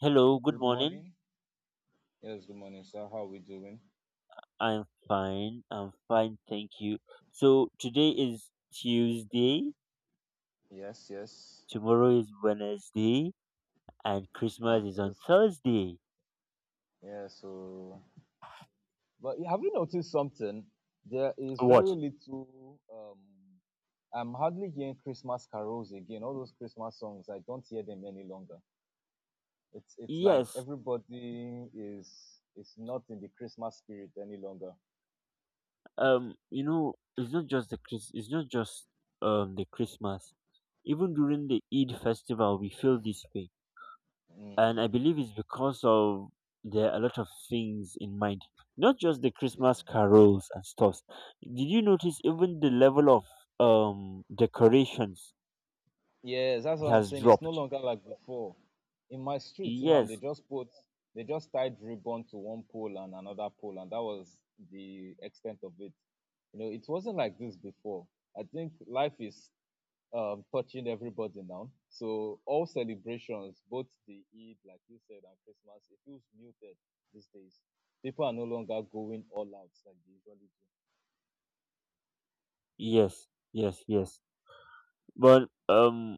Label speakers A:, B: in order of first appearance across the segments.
A: Hello, good
B: Good
A: morning.
B: morning. Yes, good morning, sir. How are we doing?
A: I'm fine. I'm fine, thank you. So today is Tuesday,
B: Yes, yes.
A: tomorrow is Wednesday, and
B: And
A: Christmas is on
B: us-
A: Thursday.
B: yeah, so but have you noticed something? There is very
A: What?
B: little. I'm hardly hearing Christmas carols again. All those Christmas songs, I don't hear them any longer. It's like
A: Yes,
B: everybody is not in the Christmas spirit any longer.
A: you know, it's not just the Chris it's not just the Christmas. Even during the Eid festival we feel this way. And
B: Mm,
A: I believe it's because of there are a lot of things in mind, not just the Christmas
B: yeah.
A: carols and stuff. Did you notice even the level of decorations
B: Yes, that's what I'm
A: has
B: saying. It's no
A: dropped?
B: longer like before. In my streets now, they
A: Yes,
B: just put, they just tied ribbon to one pole and another pole, and that was the extent of it. You know, it wasn't like this before. I think life is touching everybody now. So all celebrations, both the Eid, like you said, and Christmas, it feels muted these days. People are no longer going all out like they
A: yes, yes, yes. But um,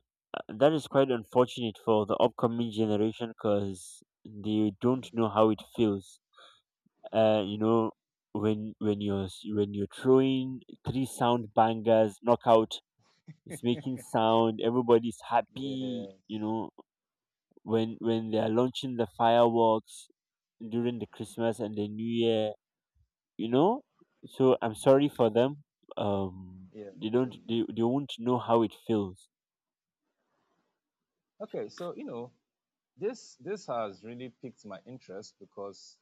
A: that is quite unfortunate for the upcoming generation because they don't know how it feels. You know, when when you're throwing three sound bangers, knockout, it's making sound, everybody's
B: usually do.
A: happy, you
B: Yes.
A: know, when they are launching the fireworks during the Christmas and the New Year, you know, so I'm sorry for them. um
B: Yeah, true.
A: they won't know how it feels.
B: Okay, so this has really piqued my interest because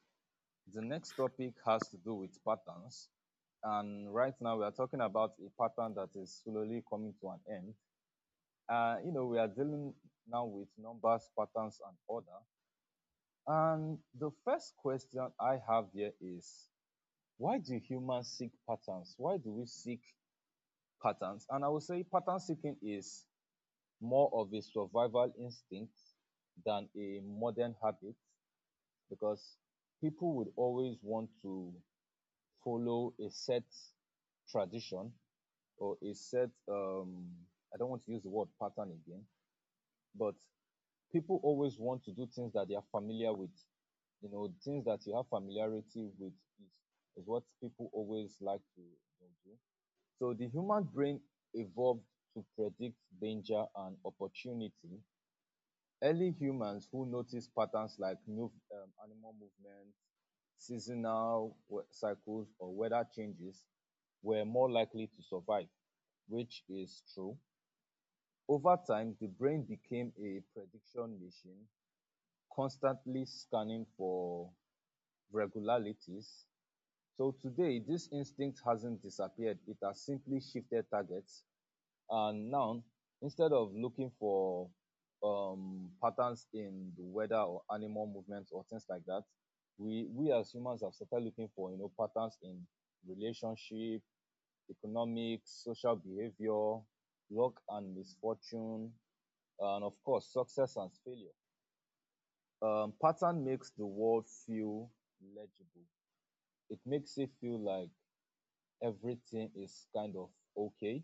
B: the next topic has to do with patterns. And right now we are talking about a pattern that is slowly coming to an end. We are dealing now with numbers, patterns, and order. And the first question I have here is, why do humans seek patterns? Why do we seek patterns? And I would say pattern seeking is more of a survival instinct than a modern habit, because people would always want to follow a set tradition, or a set I don't want to use the word pattern again, but people always want to do things that they are familiar with. You know, things that you have familiarity with is, is what people always like to do. So the human brain evolved to predict danger and opportunity. Early humans who noticed patterns, like new animal movements, seasonal cycles, or weather changes, were more likely to survive, which is true. Over time, the brain became a prediction machine, constantly scanning for regularities. So today this instinct hasn't disappeared; it has simply shifted targets. And now, instead of looking for patterns in the weather or animal movements or things like that, we as humans have started looking for, you know, patterns in relationship, economics, social behavior, luck and misfortune, and of course success and failure. Pattern makes the world feel legible. It makes it feel like everything is kind of okay.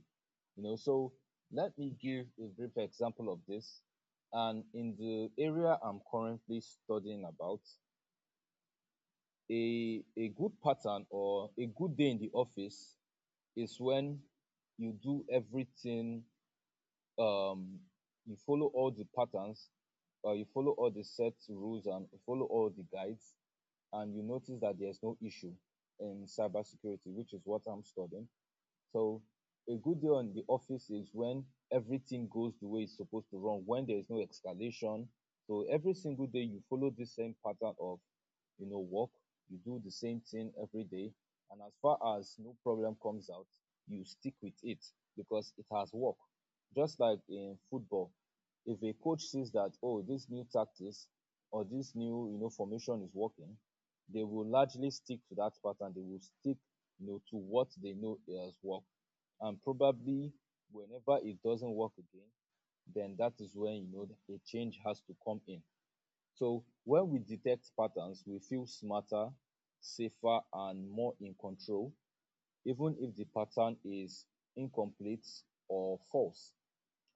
B: You know, so let me give a brief example of this. And in the area I'm currently studying about, a good pattern or a good day in the office is when you do everything, um you follow all the patterns, you follow all the set rules and follow all the guides, and you notice that there's no issue. In cybersecurity, which is what I'm studying, so a good day on the office is when everything goes the way it's supposed to run, when there is no escalation. So every single day you follow the same pattern of, you know, work. You do the same thing every day. And as far as no problem comes out, you stick with it because it has worked. Just like in football, if a coach sees that, oh, this new tactics or this new, you know, formation is working, they will largely stick to that pattern. They will stick, you know, to what they know has worked. And probably, whenever it doesn't work again, then that is when, you know, a change has to come in. So when we detect patterns, we feel smarter, safer, and more in control, even if the pattern is incomplete or false.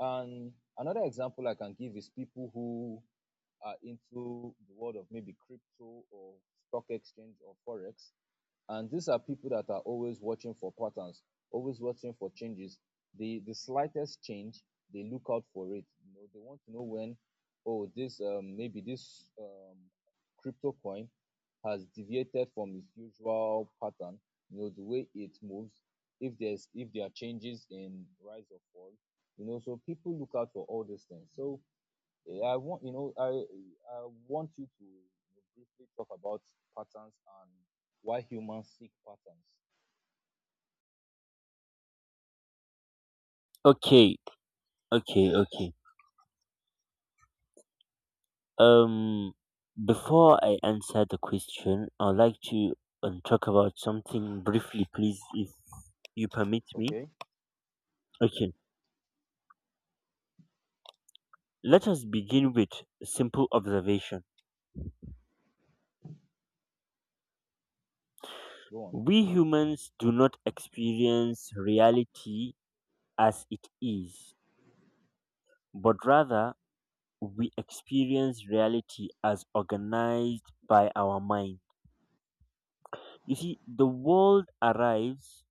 B: And another example I can give is people who are into the world of maybe crypto or stock exchange or forex. And these are people that are always watching for patterns, always watching for changes. The slightest change, they look out for it. You know, they want to know when, oh, this maybe this crypto coin has deviated from its usual pattern. You know, the way it moves. If there's if there are changes in rise or fall, you know, so people look out for all these things. So eh, i want you know i I want you to, briefly talk about patterns and why humans seek patterns.
A: Okay, okay, okay. um before I answer the question, I'd like to talk about something briefly, please, if you permit me.
B: Okay,
A: Okay, let us begin with a simple observation.
B: go on.
A: We humans do not experience reality as it is, but rather we experience reality as organized by our mind. You see, the world arrives,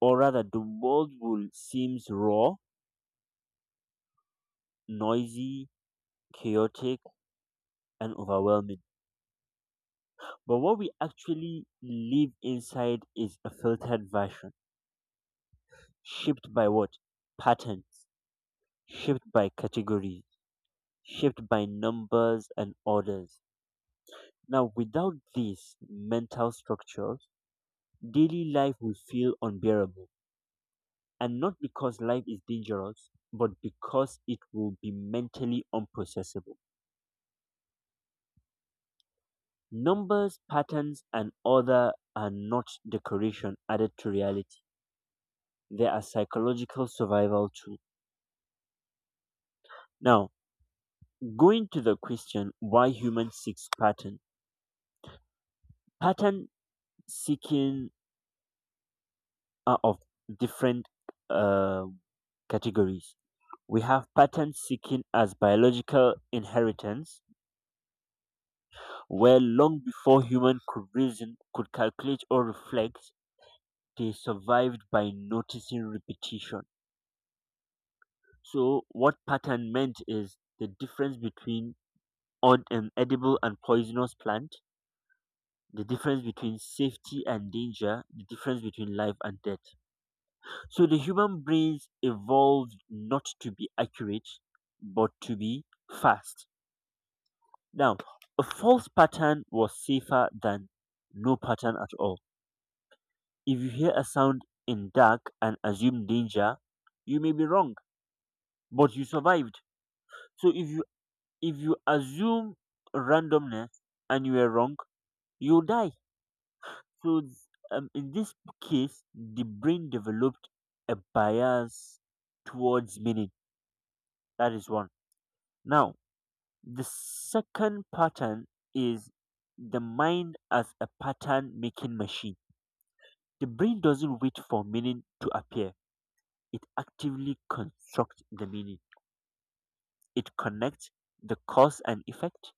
A: or rather, the world will seems raw, noisy, chaotic, and overwhelming. But what we actually live inside is a filtered version, shaped by what? Patterns, shaped by categories, shaped by numbers and orders. Now, without these mental structures, daily life will feel unbearable. And not because life is dangerous, but because it will be mentally unprocessable. Numbers, patterns, and order are not decoration added to reality. They are psychological survival tools. Now, going to the question, why humans seek pattern. Pattern seeking are of different uh, categories. We have pattern seeking as biological inheritance, where long before human could reason, could calculate, or reflect, they survived by noticing repetition. So what pattern meant is the difference between odd and edible and poisonous plant, the difference between safety and danger, the difference between life and death. So the human brains evolved not to be accurate, but to be fast. Now, a false pattern was safer than no pattern at all. If you hear a sound in dark and assume danger, you may be wrong, but you survived. So if you assume randomness and you were wrong, you die. So th- in this case, the brain developed a bias towards meaning. That is one. Now, the second pattern is the mind as a pattern making machine. The brain doesn't wait for meaning to appear, it actively constructs the meaning. It connects the cause and effect,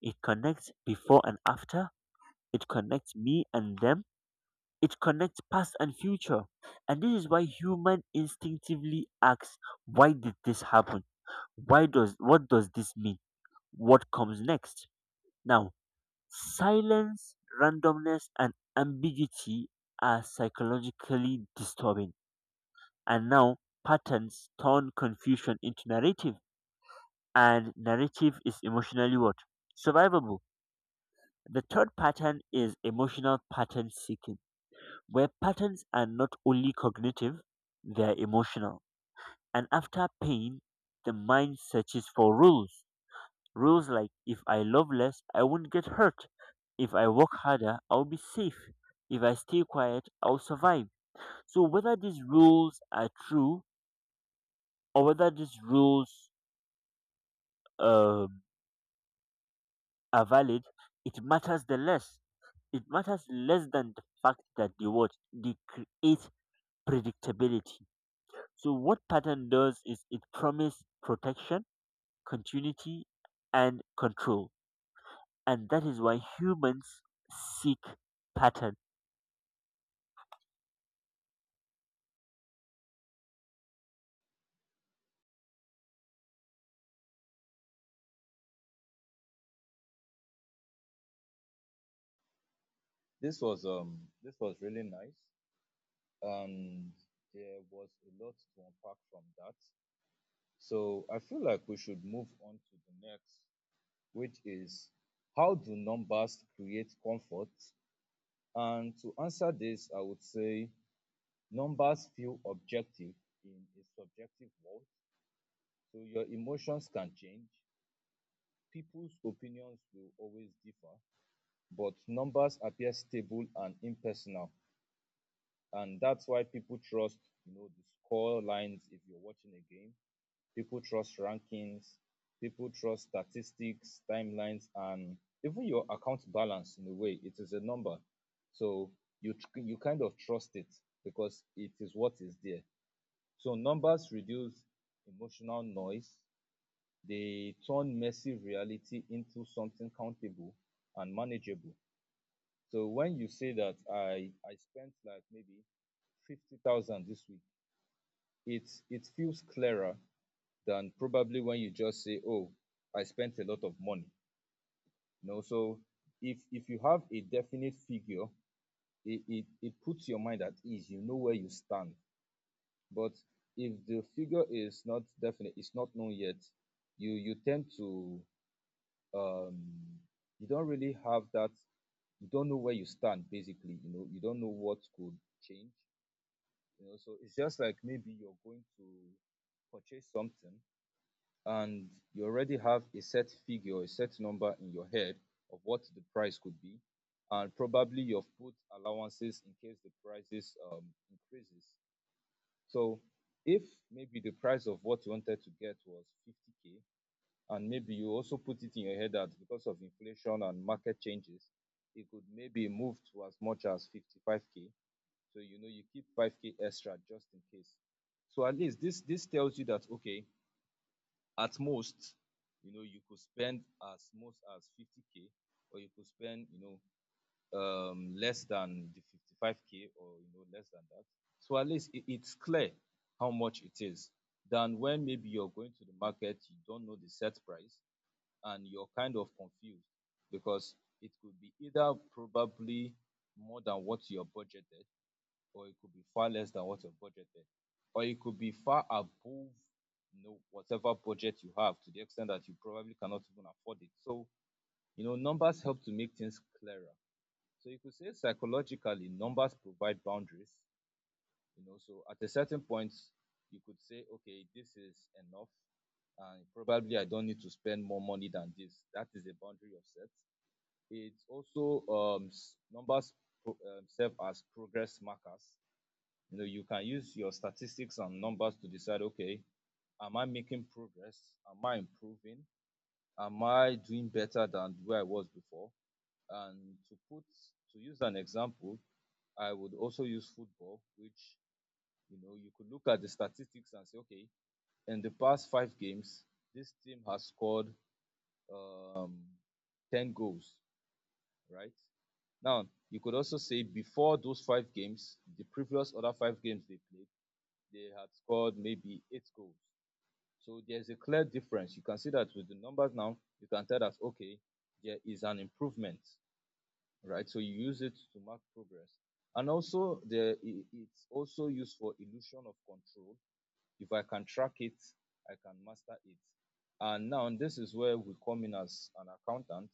A: it connects before and after, it connects me and them, it connects past and future. And this is why human instinctively asks, why did this happen? Why does what does this mean? What comes next? Now, silence, randomness and ambiguity are psychologically disturbing. And now patterns turn confusion into narrative, and narrative is emotionally what? Survivable. The third pattern is emotional pattern seeking, where patterns are not only cognitive, they are emotional. And after pain, the mind searches for rules. Rules like if I love less, I won't get hurt. If I work harder, I'll be safe. If I stay quiet, I'll survive. So whether these rules are true or whether these rules um, are valid, it matters the less. It matters less than the fact that they what they create predictability. So what pattern does is it promises protection, continuity, and control, and that is why humans seek pattern.
B: This was really nice, and there was a lot to unpack from that. So I feel like we should move on to the next, which is, how do numbers create comfort? And to answer this, I would say numbers feel objective in a subjective world, so your emotions can change. People's opinions will always differ, but numbers appear stable and impersonal. And that's why people trust, you know, the score lines if you're watching a game. People trust rankings, people trust statistics, timelines, and even your account balance. In a way, it is a number. So you you kind of trust it because it is what is there. So numbers reduce emotional noise. They turn messy reality into something countable and manageable. So when you say that I spent like maybe 50,000 this week, it feels clearer than probably when you just say, oh, I spent a lot of money. You know, so if you have a definite figure, it puts your mind at ease. You know where you stand. But if the figure is not definite, it's not known yet, you tend to, um you don't really have that. You don't know where you stand, basically. You know, you don't know what could change. You know, so it's just like maybe you're going to purchase something, and you already have a set figure, a set number in your head of what the price could be. And probably you've put allowances in case the prices increases. So if maybe the price of what you wanted to get was 50K, and maybe you also put it in your head that, because of inflation and market changes, it could maybe move to as much as 55K. So you know, you keep 5K extra just in case. So at least this tells you that, okay, at most, you know, you could spend as much as 50K, or you could spend, you know, less than the 55K, or you know, less than that. So at least it's clear how much it is, than when maybe you're going to the market, you don't know the set price, and you're kind of confused because it could be either probably more than what you're budgeted, or it could be far less than what you're budgeted, or it could be far above, you know, whatever budget you have, to the extent that you probably cannot even afford it. So, you know, numbers help to make things clearer. So you could say psychologically, numbers provide boundaries. You know, so at a certain point, you could say, okay, this is enough, and probably I don't need to spend more money than this. That is a boundary of set. It's also, numbers serve as progress markers. You know, you can use your statistics and numbers to decide, okay, am I making progress? Am I improving? Am I doing better than where I was before? And to put, to use an example, I would also use football, which, you know, you could look at the statistics and say, okay, in the past five games, this team has scored uh, 10 goals, right? Now you could also say, before those five games, the previous other five games they played, they had scored maybe eight goals. So there's a clear difference. You can see that with the numbers now, you can tell that, okay, there is an improvement, right? So you use it to mark progress. And also, the, it's also used for illusion of control. If I can track it, I can master it. And now this is where we come in as an accountant,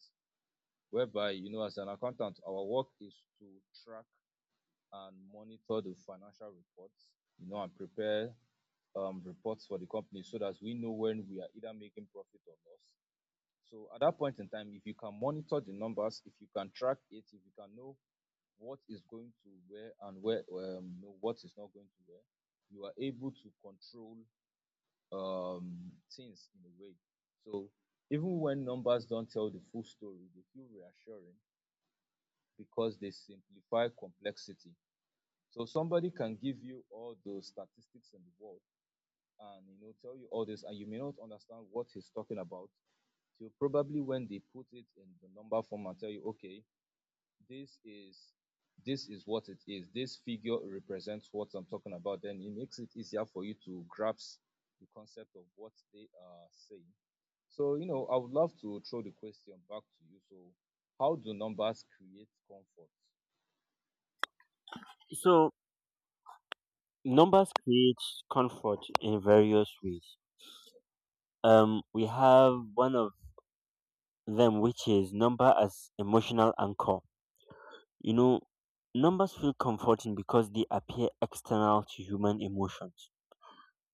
B: whereby, you know, as an accountant, our work is to track and monitor the financial reports, you know, and prepare reports for the company so that we know when we are either making profit or loss. So at that point in time, if you can monitor the numbers, if you can track it, if you can know what is going to where, and where, what is not going to where, you are able to control things in a way. So even when numbers don't tell the full story, they feel reassuring because they simplify complexity. So somebody can give you all the statistics in the world and, you know, tell you all this, and you may not understand what he's talking about. So probably when they put it in the number form and tell you, okay, this is this is what it is. This figure represents what I'm talking about. Then it makes it easier for you to grasp the concept of what they are saying. So, I would love to throw the question back to you. So, how do numbers create comfort?
A: So numbers create comfort in various ways. We have one of them which is number as emotional anchor. You know, numbers feel comforting because they appear external to human emotions.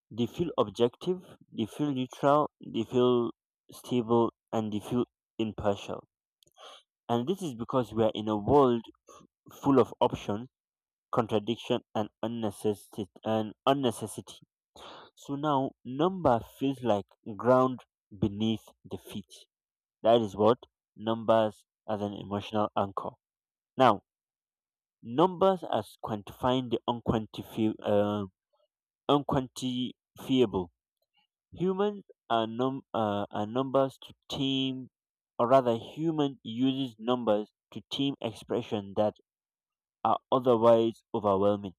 A: They feel objective, they feel neutral, they feel stable, and they feel impartial. And this is because we are in a world full of option, contradiction, and unnecessity. And unnecessity. So now, number feels like ground beneath the feet. That is what, numbers as an emotional anchor. Now, numbers as quantifying the unquantifiable. Humans are numbers to team, or rather, human uses numbers to team expression that are otherwise overwhelming,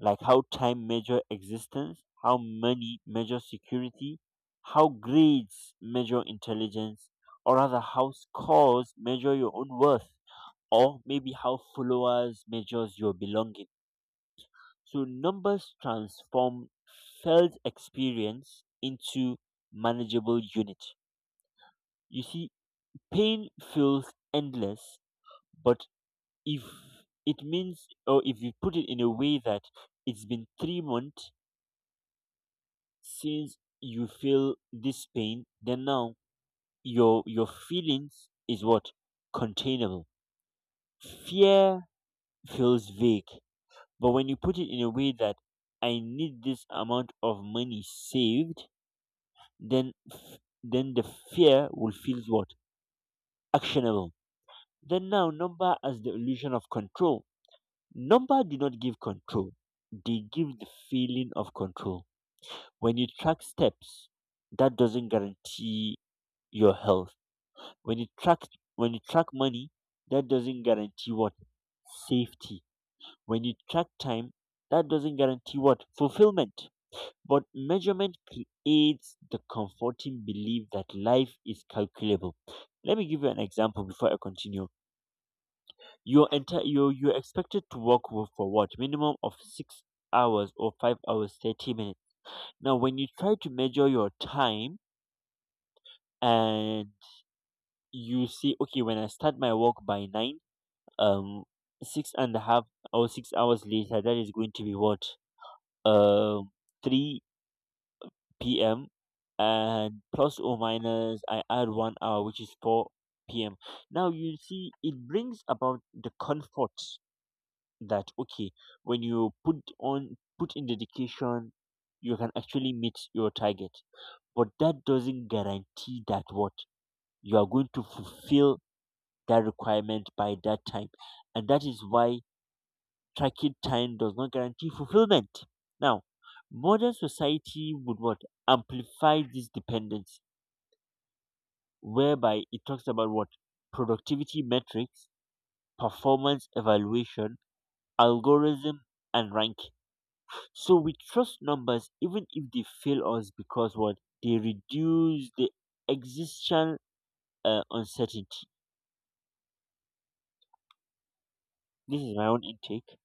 A: like how time measure existence, how money measure security, how grades measure intelligence, or rather, how scores measure your own worth, or maybe how followers measures your belonging. So numbers transform felt experience into manageable unit. You see, pain feels endless, but if it means, or if you put it in a way that it's been 3 months since you feel this pain, then now your feelings is what containable. Fear feels vague, but when you put it in a way that I need this amount of money saved, then then the fear will feel what actionable. Then now number as the illusion of control. Number do not give control, they give the feeling of control. When you track steps, that doesn't guarantee your health. When you track money, that doesn't guarantee what, safety. When you track time, that doesn't guarantee what, fulfillment. But measurement creates the comforting belief that life is calculable. Let me give you an example before I continue. You you're expected to work for what minimum of 6 hours or 5 hours 30 minutes. Now, when you try to measure your time and you see, okay, when I start my work by 9, um, six and a half or 6 hours later, that is going to be what, um three p.m. and plus or minus I add 1 hour, which is 4 p.m. Now you see, it brings about the comfort that okay, when you put in dedication, you can actually meet your target. But that doesn't guarantee that what, you are going to fulfill that requirement by that time, and that is why tracking time does not guarantee fulfillment. Now, modern society would what, amplify this dependency whereby it talks about what, productivity metrics, performance evaluation, algorithm, and ranking. So we trust numbers even if they fail us because what, they reduce the existential uncertainty. This is my own intake,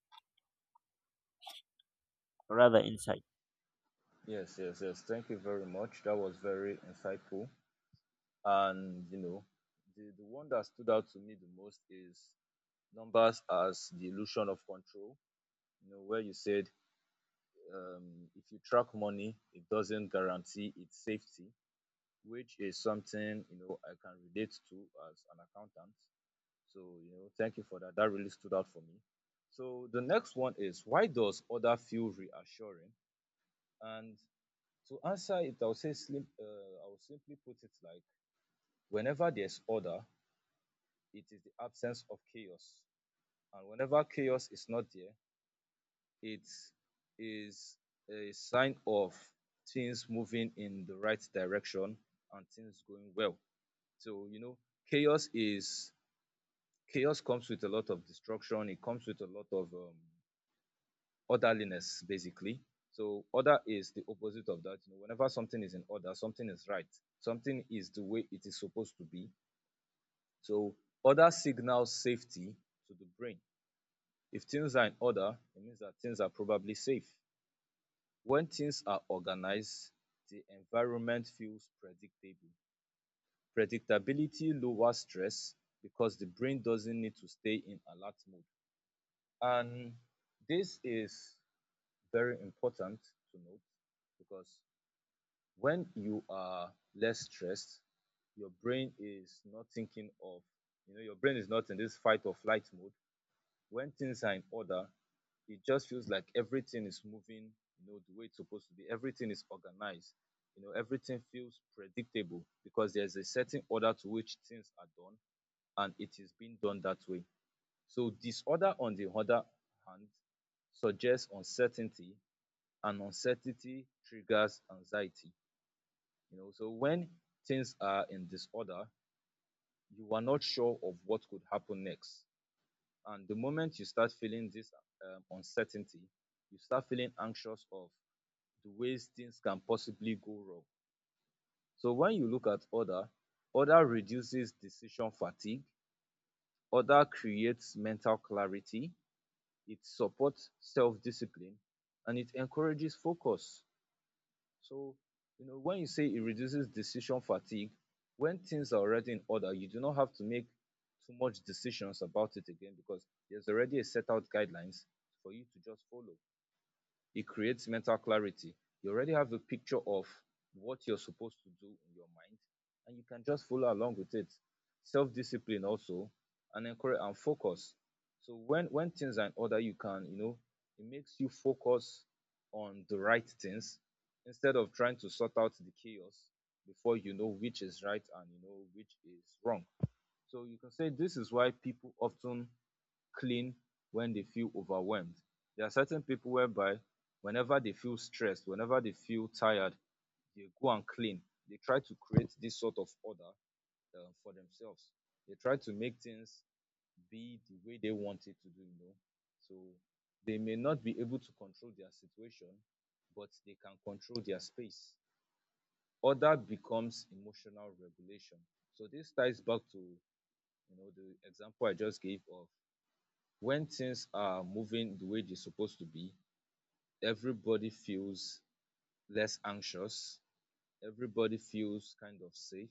A: rather insight.
B: Yes, yes, yes. Thank you very much. That was very insightful. And, the one that stood out to me the most is numbers as the illusion of control. You know, where you said if you track money, it doesn't guarantee its safety, which is something, I can relate to as an accountant. So, thank you for that. That really stood out for me. So, the next one is why does order feel reassuring? And to answer it, I'll say, I'll simply put it like, whenever there's order, it is the absence of chaos. And whenever chaos is not there, it is a sign of things moving in the right direction and things going well. So, chaos is chaos comes with a lot of destruction, it comes with a lot of orderliness basically. So order is the opposite of that. You know, whenever something is in order, something is right, something is the way it is supposed to be. So order signals safety to the brain. If things are in order, it means that things are probably safe. When things are organized, the environment feels predictable. Predictability lowers stress because the brain doesn't need to stay in alert mode. And this is very important to note, because when you are less stressed, your brain is not thinking of, your brain is not in this fight or flight mode. When things are in order, it just feels like everything is moving, the way it's supposed to be. Everything is organized. Everything feels predictable because there's a certain order to which things are done, and it is being done that way. So disorder, on the other hand, suggests uncertainty, and uncertainty triggers anxiety. So when things are in disorder, you are not sure of what could happen next. And the moment you start feeling this uncertainty, you start feeling anxious of the ways things can possibly go wrong. So when you look at order, order reduces decision fatigue, order creates mental clarity, it supports self-discipline, and it encourages focus. So, when you say it reduces decision fatigue, when things are already in order, you do not have to make too much decisions about it again, because there's already a set out guidelines for you to just follow. It creates mental clarity. You already have a picture of what you're supposed to do in your mind, and you can just follow along with it. Self discipline also, and encourage and focus. So when things are in order, you can it makes you focus on the right things instead of trying to sort out the chaos before you know which is right and you know which is wrong. So you can say this is why people often clean when they feel overwhelmed. There are certain people whereby, whenever they feel stressed, whenever they feel tired, they go and clean. They try to create this sort of order for themselves. They try to make things be the way they want it to be. So they may not be able to control their situation, but they can control their space. Order becomes emotional regulation. So this ties back to the example I just gave of when things are moving the way they're supposed to be. Everybody feels less anxious. Everybody feels kind of safe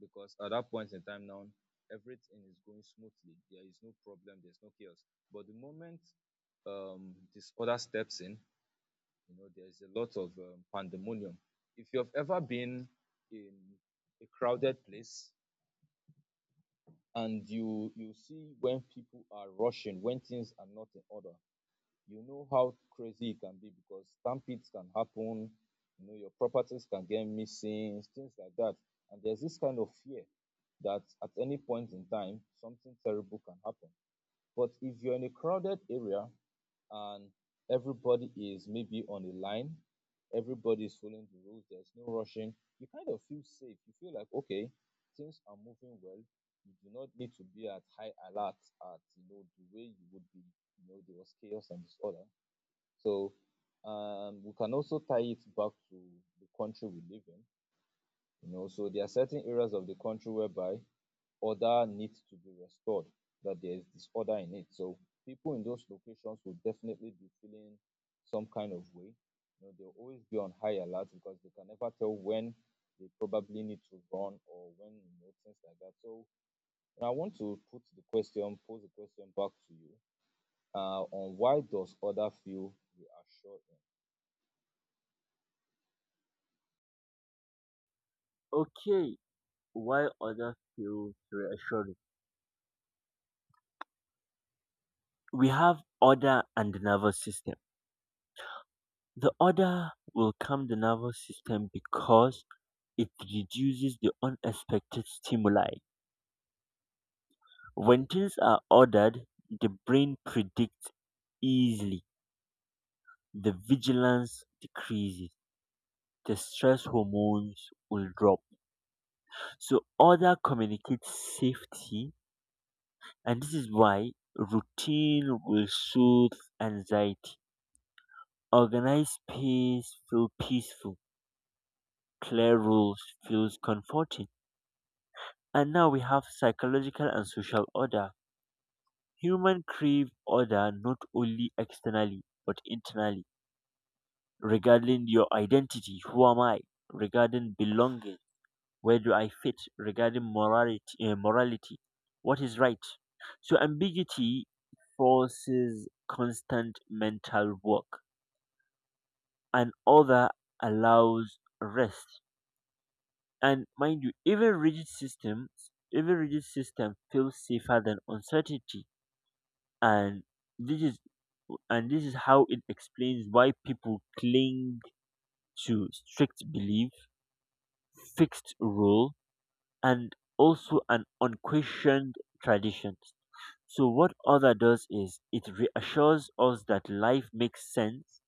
B: because at that point in time now, everything is going smoothly. There is no problem. There's no chaos. But the moment disorder steps in, there's a lot of pandemonium. If you have ever been in a crowded place and you see, when people are rushing, when things are not in order, you know how crazy it can be, because stampedes can happen. Your properties can get missing, things like that, and there's this kind of fear that at any point in time something terrible can happen. But if you're in a crowded area, and everybody is maybe on a line, everybody is following the rules, there's no rushing, you kind of feel safe. You feel like, okay, things are moving well. You do not need to be at high alert at the way you would be there was chaos and disorder. So we can also tie it back to the country we live in. So there are certain areas of the country whereby order needs to be restored, that there is disorder in it. So people in those locations will definitely be feeling some kind of way. They'll always be on high alert, because they can never tell when they probably need to run, or when things like that. So I want to put the question, pose the question back to you, on why does order feel reassuring?
A: Okay, why other feels reassuring? We have order and the nervous system. The order will calm the nervous system because it reduces the unexpected stimuli. When things are ordered, the brain predicts easily. The vigilance decreases. The stress hormones will drop. So order communicates safety, and this is why routine will soothe anxiety. Organized space feel peaceful. Clear rules feels comforting. And now we have psychological and social order. Human crave order not only externally but internally, regarding your identity, who am I, regarding belonging, where do I fit, regarding morality, morality, what is right. So ambiguity forces constant mental work, and other allows rest, and mind you, even rigid systems, even rigid system feels safer than uncertainty, and this is and this is how it explains why people cling to strict belief, fixed rule, and also an unquestioned tradition. So what other does is it reassures us that life makes sense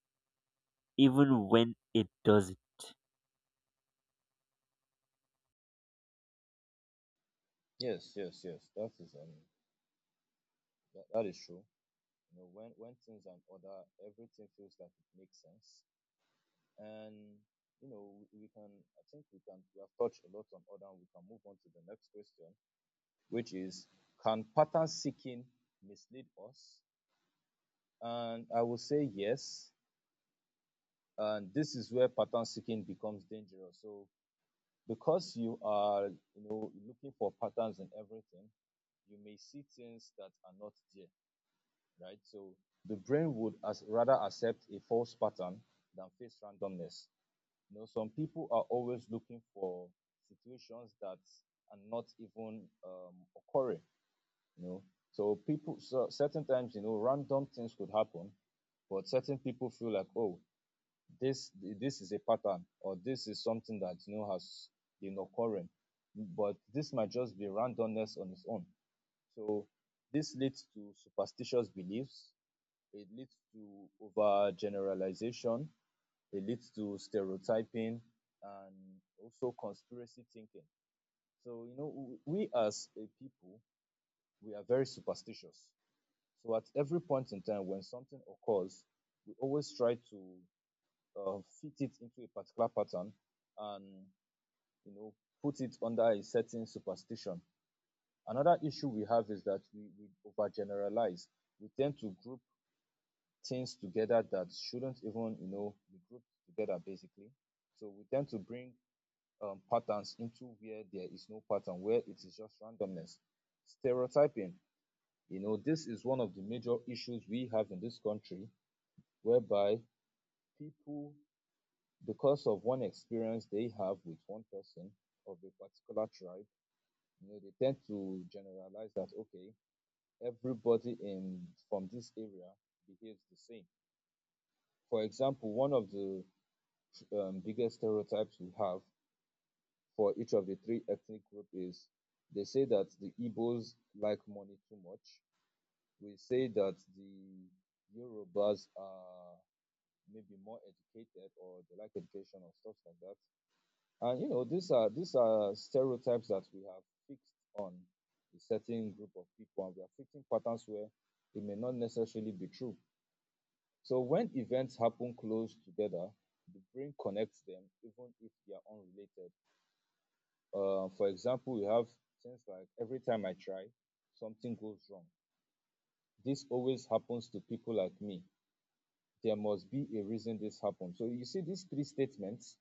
A: even when it doesn't.
B: Yes, yes, yes. That is that, that is true. You know, when things are in order, everything feels like it makes sense. And we can I think we can we have touched a lot on order, and we can move on to the next question, which is, can pattern seeking mislead us? And I will say yes. And this is where pattern seeking becomes dangerous. So because you are, looking for patterns in everything, you may see things that are not there, right? So the brain would as rather accept a false pattern than face randomness. Some people are always looking for situations that are not even occurring. You know, so certain times random things could happen, but certain people feel like, oh, this this is a pattern, or this is something that has been occurring, but this might just be randomness on its own. So this leads to superstitious beliefs, it leads to overgeneralization. It leads to stereotyping, and also conspiracy thinking. So, we as a people, we are very superstitious. So, at every point in time when something occurs, we always try to fit it into a particular pattern and, you know, put it under a certain superstition. Another issue we have is that we overgeneralize. We tend to group things together that shouldn't even be grouped together basically. So we tend to bring patterns into where there is no pattern, where it is just randomness. Stereotyping, this is one of the major issues we have in this country, whereby people, because of one experience they have with one person of a particular tribe, they tend to generalize that, okay, everybody in from this area behaves the same. For example, one of the biggest stereotypes we have for each of the three ethnic group is, they say that the Igbos like money too much. We say that the Yorubas are maybe more educated, or they like education or stuff like that. And these are stereotypes that we have fixed on a certain group of people, and we are fixing patterns where it may not necessarily be true. So when events happen close together, the brain connects them even if they are unrelated. For example, we have things like, every time I try, something goes wrong. This always happens to people like me. There must be a reason this happened. So you see these three statements.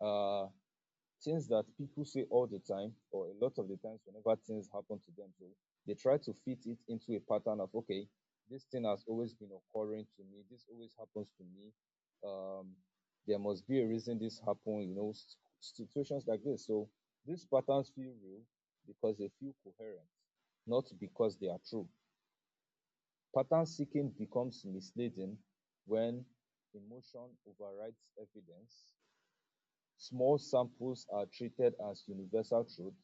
B: Uh, Things that people say all the time, or a lot of the times, whenever things happen to them. So they try to fit it into a pattern of, okay, this thing has always been occurring to me, this always happens to me, um there must be a reason this happened. Situations like this. So these patterns feel real because they feel coherent, not because they are true. Pattern seeking becomes misleading when emotion overrides evidence. Small samples are treated as universal truth,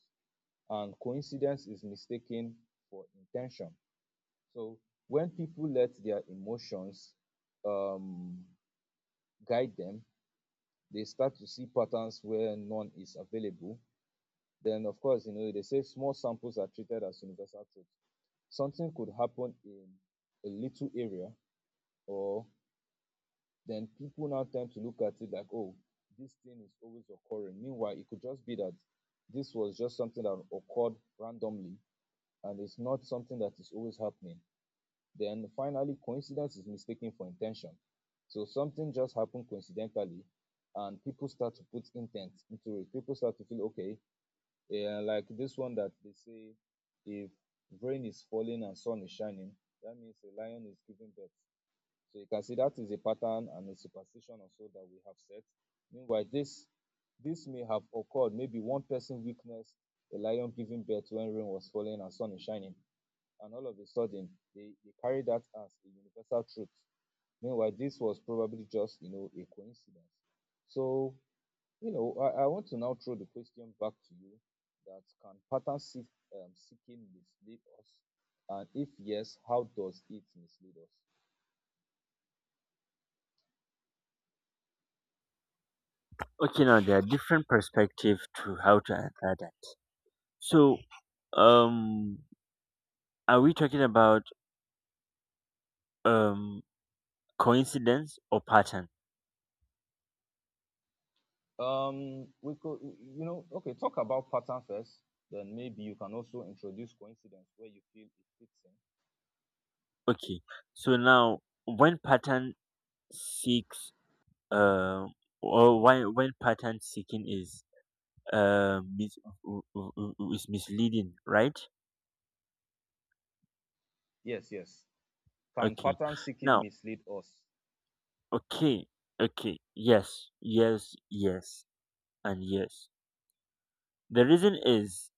B: and coincidence is mistaken for intention. So when people let their emotions um, guide them, they start to see patterns where none is available. Then, of course, they say small samples are treated as universal truth. Something could happen in a little area, or then people now tend to look at it like, oh, this thing is always occurring. Meanwhile, it could just be that this was just something that occurred randomly, and it's not something that is always happening. Then finally, coincidence is mistaken for intention. So something just happened coincidentally, and people start to put intent into it. People start to feel, okay, yeah, like this one that they say, if rain is falling and sun is shining, that means a lion is giving birth. So you can see that is a pattern, and a superstition also, that we have set. Meanwhile, this may have occurred. Maybe one person witnessed a lion giving birth when rain was falling and sun is shining, and all of a sudden they carry that as a universal truth. Meanwhile, this was probably just a coincidence. So I want to now throw the question back to you that can pattern seeking mislead us? And if yes, how does it mislead us?
A: Okay, now there are different perspectives to how to answer that. So um are we talking about um coincidence or pattern?
B: We could, you know, okay, talk about pattern first, then maybe you can also introduce coincidence where you feel it fits in.
A: Okay. So now when pattern seeks uh or why when pattern seeking is uh mis- is misleading, right?
B: Yes, yes. Can
A: Okay,
B: pattern seeking
A: now,
B: mislead us?
A: okay, okay, yes, yes, yes, and yes, the reason is,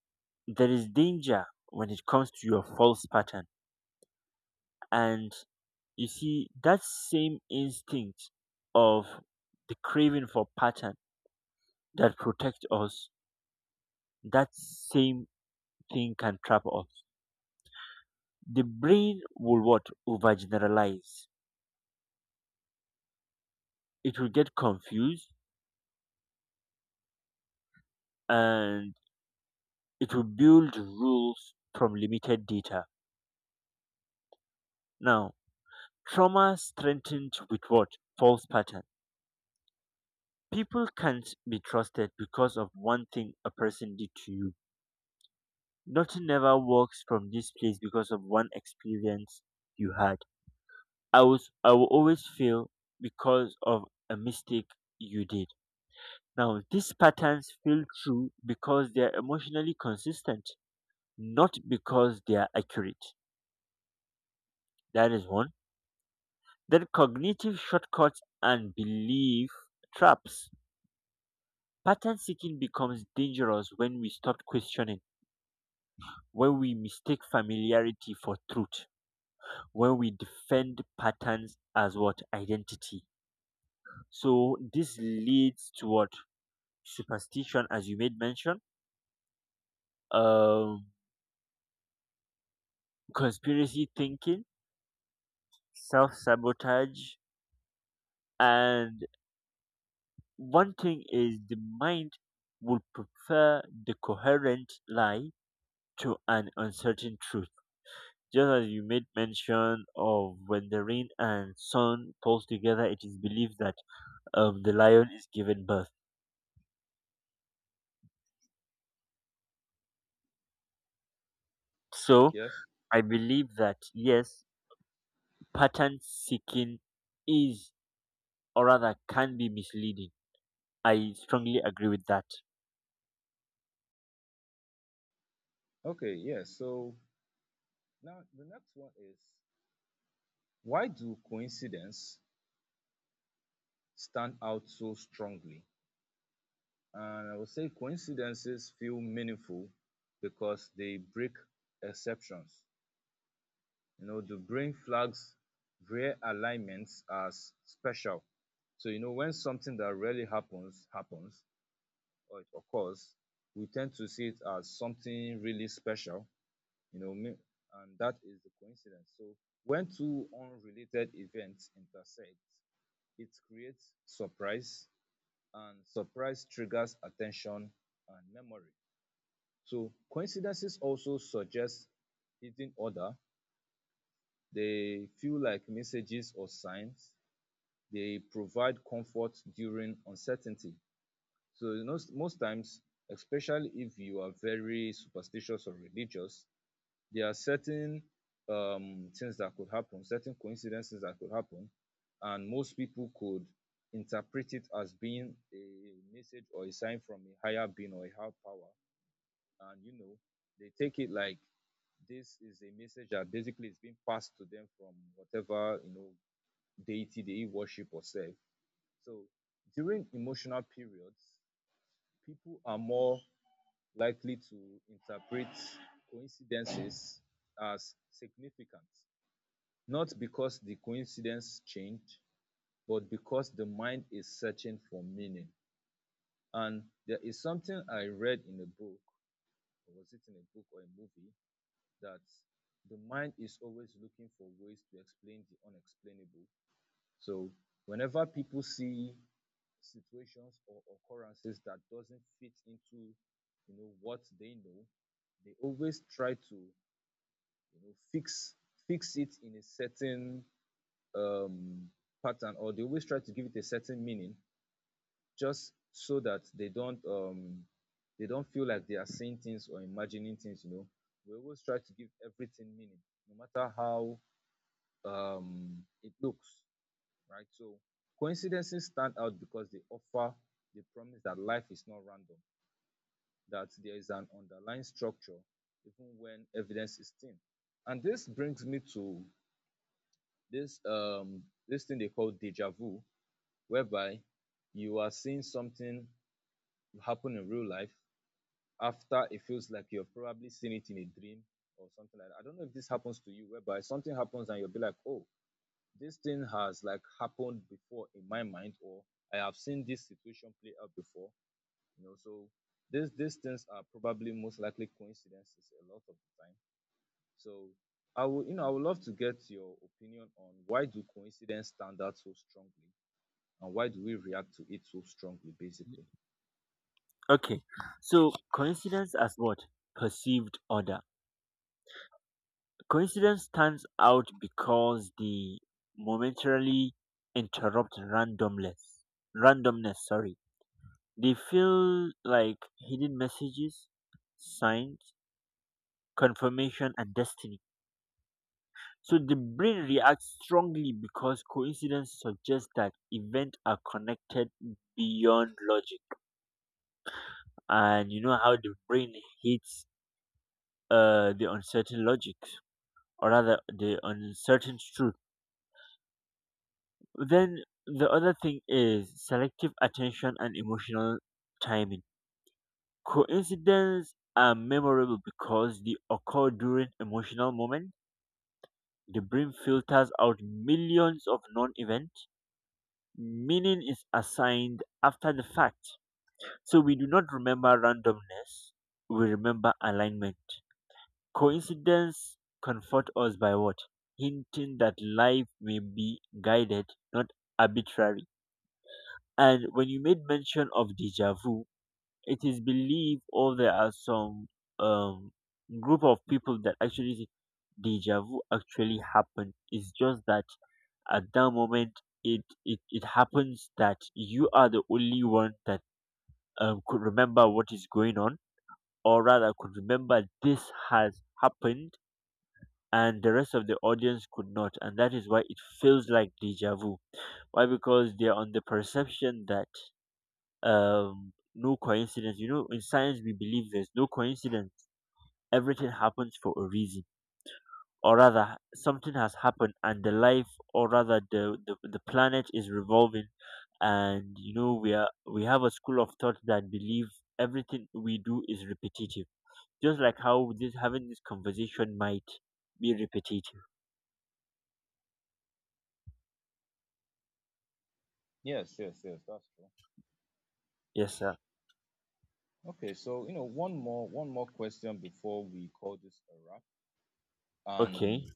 A: there is danger when it comes to your false pattern. And you see that same instinct of the craving for pattern that protect us, that same thing can trap us. The brain will what, overgeneralize. It will get confused, and it will build rules from limited data. Now, trauma strengthened with what, false pattern. People can't be trusted because of one thing a person did to you. Nothing ever works from this place because of one experience you had. I will always fail because of a mistake you did. Now these patterns feel true because they are emotionally consistent, not because they are accurate. That is one. Then cognitive shortcuts and belief traps. Pattern seeking becomes dangerous when we stop questioning, when we mistake familiarity for truth, when we defend patterns as what, identity. So this leads to what, superstition, as you made mention, um, conspiracy thinking, self sabotage, and one thing is the mind will prefer the coherent lie to an uncertain truth. Just as you made mention of when the rain and sun pulls together, it is believed that the lion is given birth. So
B: Yes.
A: I believe that yes, pattern seeking is, or rather, can be misleading. I strongly agree with that.
B: Okay, yes. So now the next one is, why do coincidences stand out so strongly? And I would say coincidences feel meaningful because they break exceptions. You know, the brain flags rare alignments as special. So, you know, when something that rarely happens happens or it occurs, we tend to see it as something really special, you know, me- and that is the coincidence. So, when two unrelated events intersect, it creates surprise, and surprise triggers attention and memory. So, coincidences also suggest hidden order. They feel like messages or signs. They provide comfort during uncertainty. So, you know, most times, especially if you are very superstitious or religious, there are certain things that could happen, certain coincidences that could happen, and most people could interpret it as being a message or a sign from a higher being or a higher power. And you know, they take it like this is a message that basically is being passed to them from whatever you know deity they worship or serve. So during emotional periods, people are more likely to interpret coincidences as significant, not because the coincidence changed, but because the mind is searching for meaning. And there is something I read in a book, or was it in a book or a movie, that the mind is always looking for ways to explain the unexplainable. So whenever people see situations or occurrences that doesn't fit into you know what they know, they always try to know fix fix it in a certain um pattern, or they always try to give it a certain meaning just so that they don't they don't feel like they are saying things or imagining things, you know, we always try to give everything meaning no matter how um it looks, right? So coincidences stand out because they offer the promise that life is not random, that there is an underlying structure even when evidence is thin. And this brings me to this thing they call deja vu, whereby you are seeing something happen in real life after it feels like you've probably seen it in a dream or something like that. I don't know if this happens to you, whereby something happens and you'll be like, oh, this thing has like happened before in my mind, or I have seen this situation play out before, you know. So these things are probably most likely coincidences a lot of the time. So I would, you know, I would love to get your opinion on why do coincidence stand out so strongly, and why do we react to it so strongly basically.
A: Okay, so coincidence as what, perceived order. Coincidence stands out because the momentarily interrupt randomness. Randomness, sorry. They feel like hidden messages, signs, confirmation, and destiny. So the brain reacts strongly because coincidence suggests that events are connected beyond logic. And you know how the brain hates the uncertain logic, or rather, the uncertain truth. Then the other thing is selective attention and emotional timing. Coincidences are memorable because they occur during emotional moments. The brain filters out millions of non events. Meaning is assigned after the fact. So we do not remember randomness, we remember alignment. Coincidence comfort us by what, hinting that life may be guided, not arbitrary. And when you made mention of deja vu, it is believed or there are some um, group of people that actually say deja vu actually happened. It's just that at that moment it happens that you are the only one that could remember what is going on, or rather could remember this has happened, and the rest of the audience could not, and that is why it feels like deja vu, why, because they're on the perception that no coincidence, you know, in science we believe there's no coincidence, everything happens for a reason, or rather, something has happened and the life, or rather the planet is revolving, and you know we have a school of thought that believe everything we do is repetitive, just like how this having this conversation might be repetitive.
B: Yes, yes, yes, that's true.
A: Yes, sir.
B: Okay, so you know, one more question before we call this a wrap. And
A: Okay,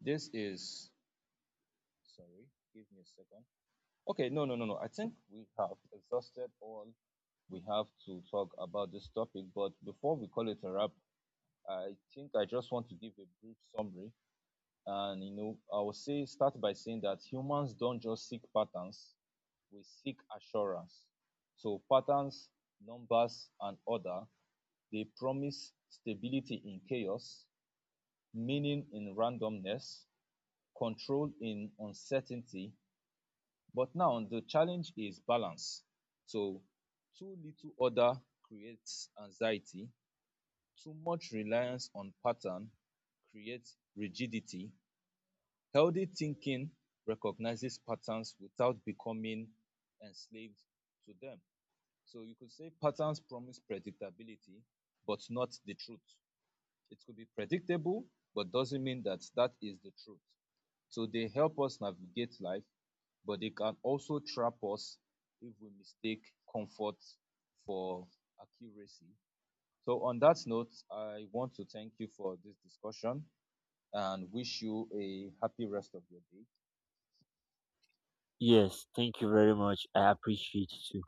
B: this is, sorry, give me a second. Okay, no, no, no, no. I think we have exhausted all we have to talk about this topic. But before we call it a wrap, I think I just want to give a brief summary. And, you know, I will say, start by saying that humans don't just seek patterns, we seek assurance. So, patterns, numbers, and order, they promise stability in chaos, meaning in randomness, control in uncertainty. But now the challenge is balance. So too little order creates anxiety, too much reliance on pattern creates rigidity. Healthy thinking recognizes patterns without becoming enslaved to them. So you could say patterns promise predictability, but not the truth. It could be predictable, but doesn't mean that that is the truth. So they help us navigate life, but they can also trap us if we mistake comfort for accuracy. So, on that note, I want to thank you for this discussion and wish you a happy rest of your day.
A: yes, thank you very much, I appreciate it too.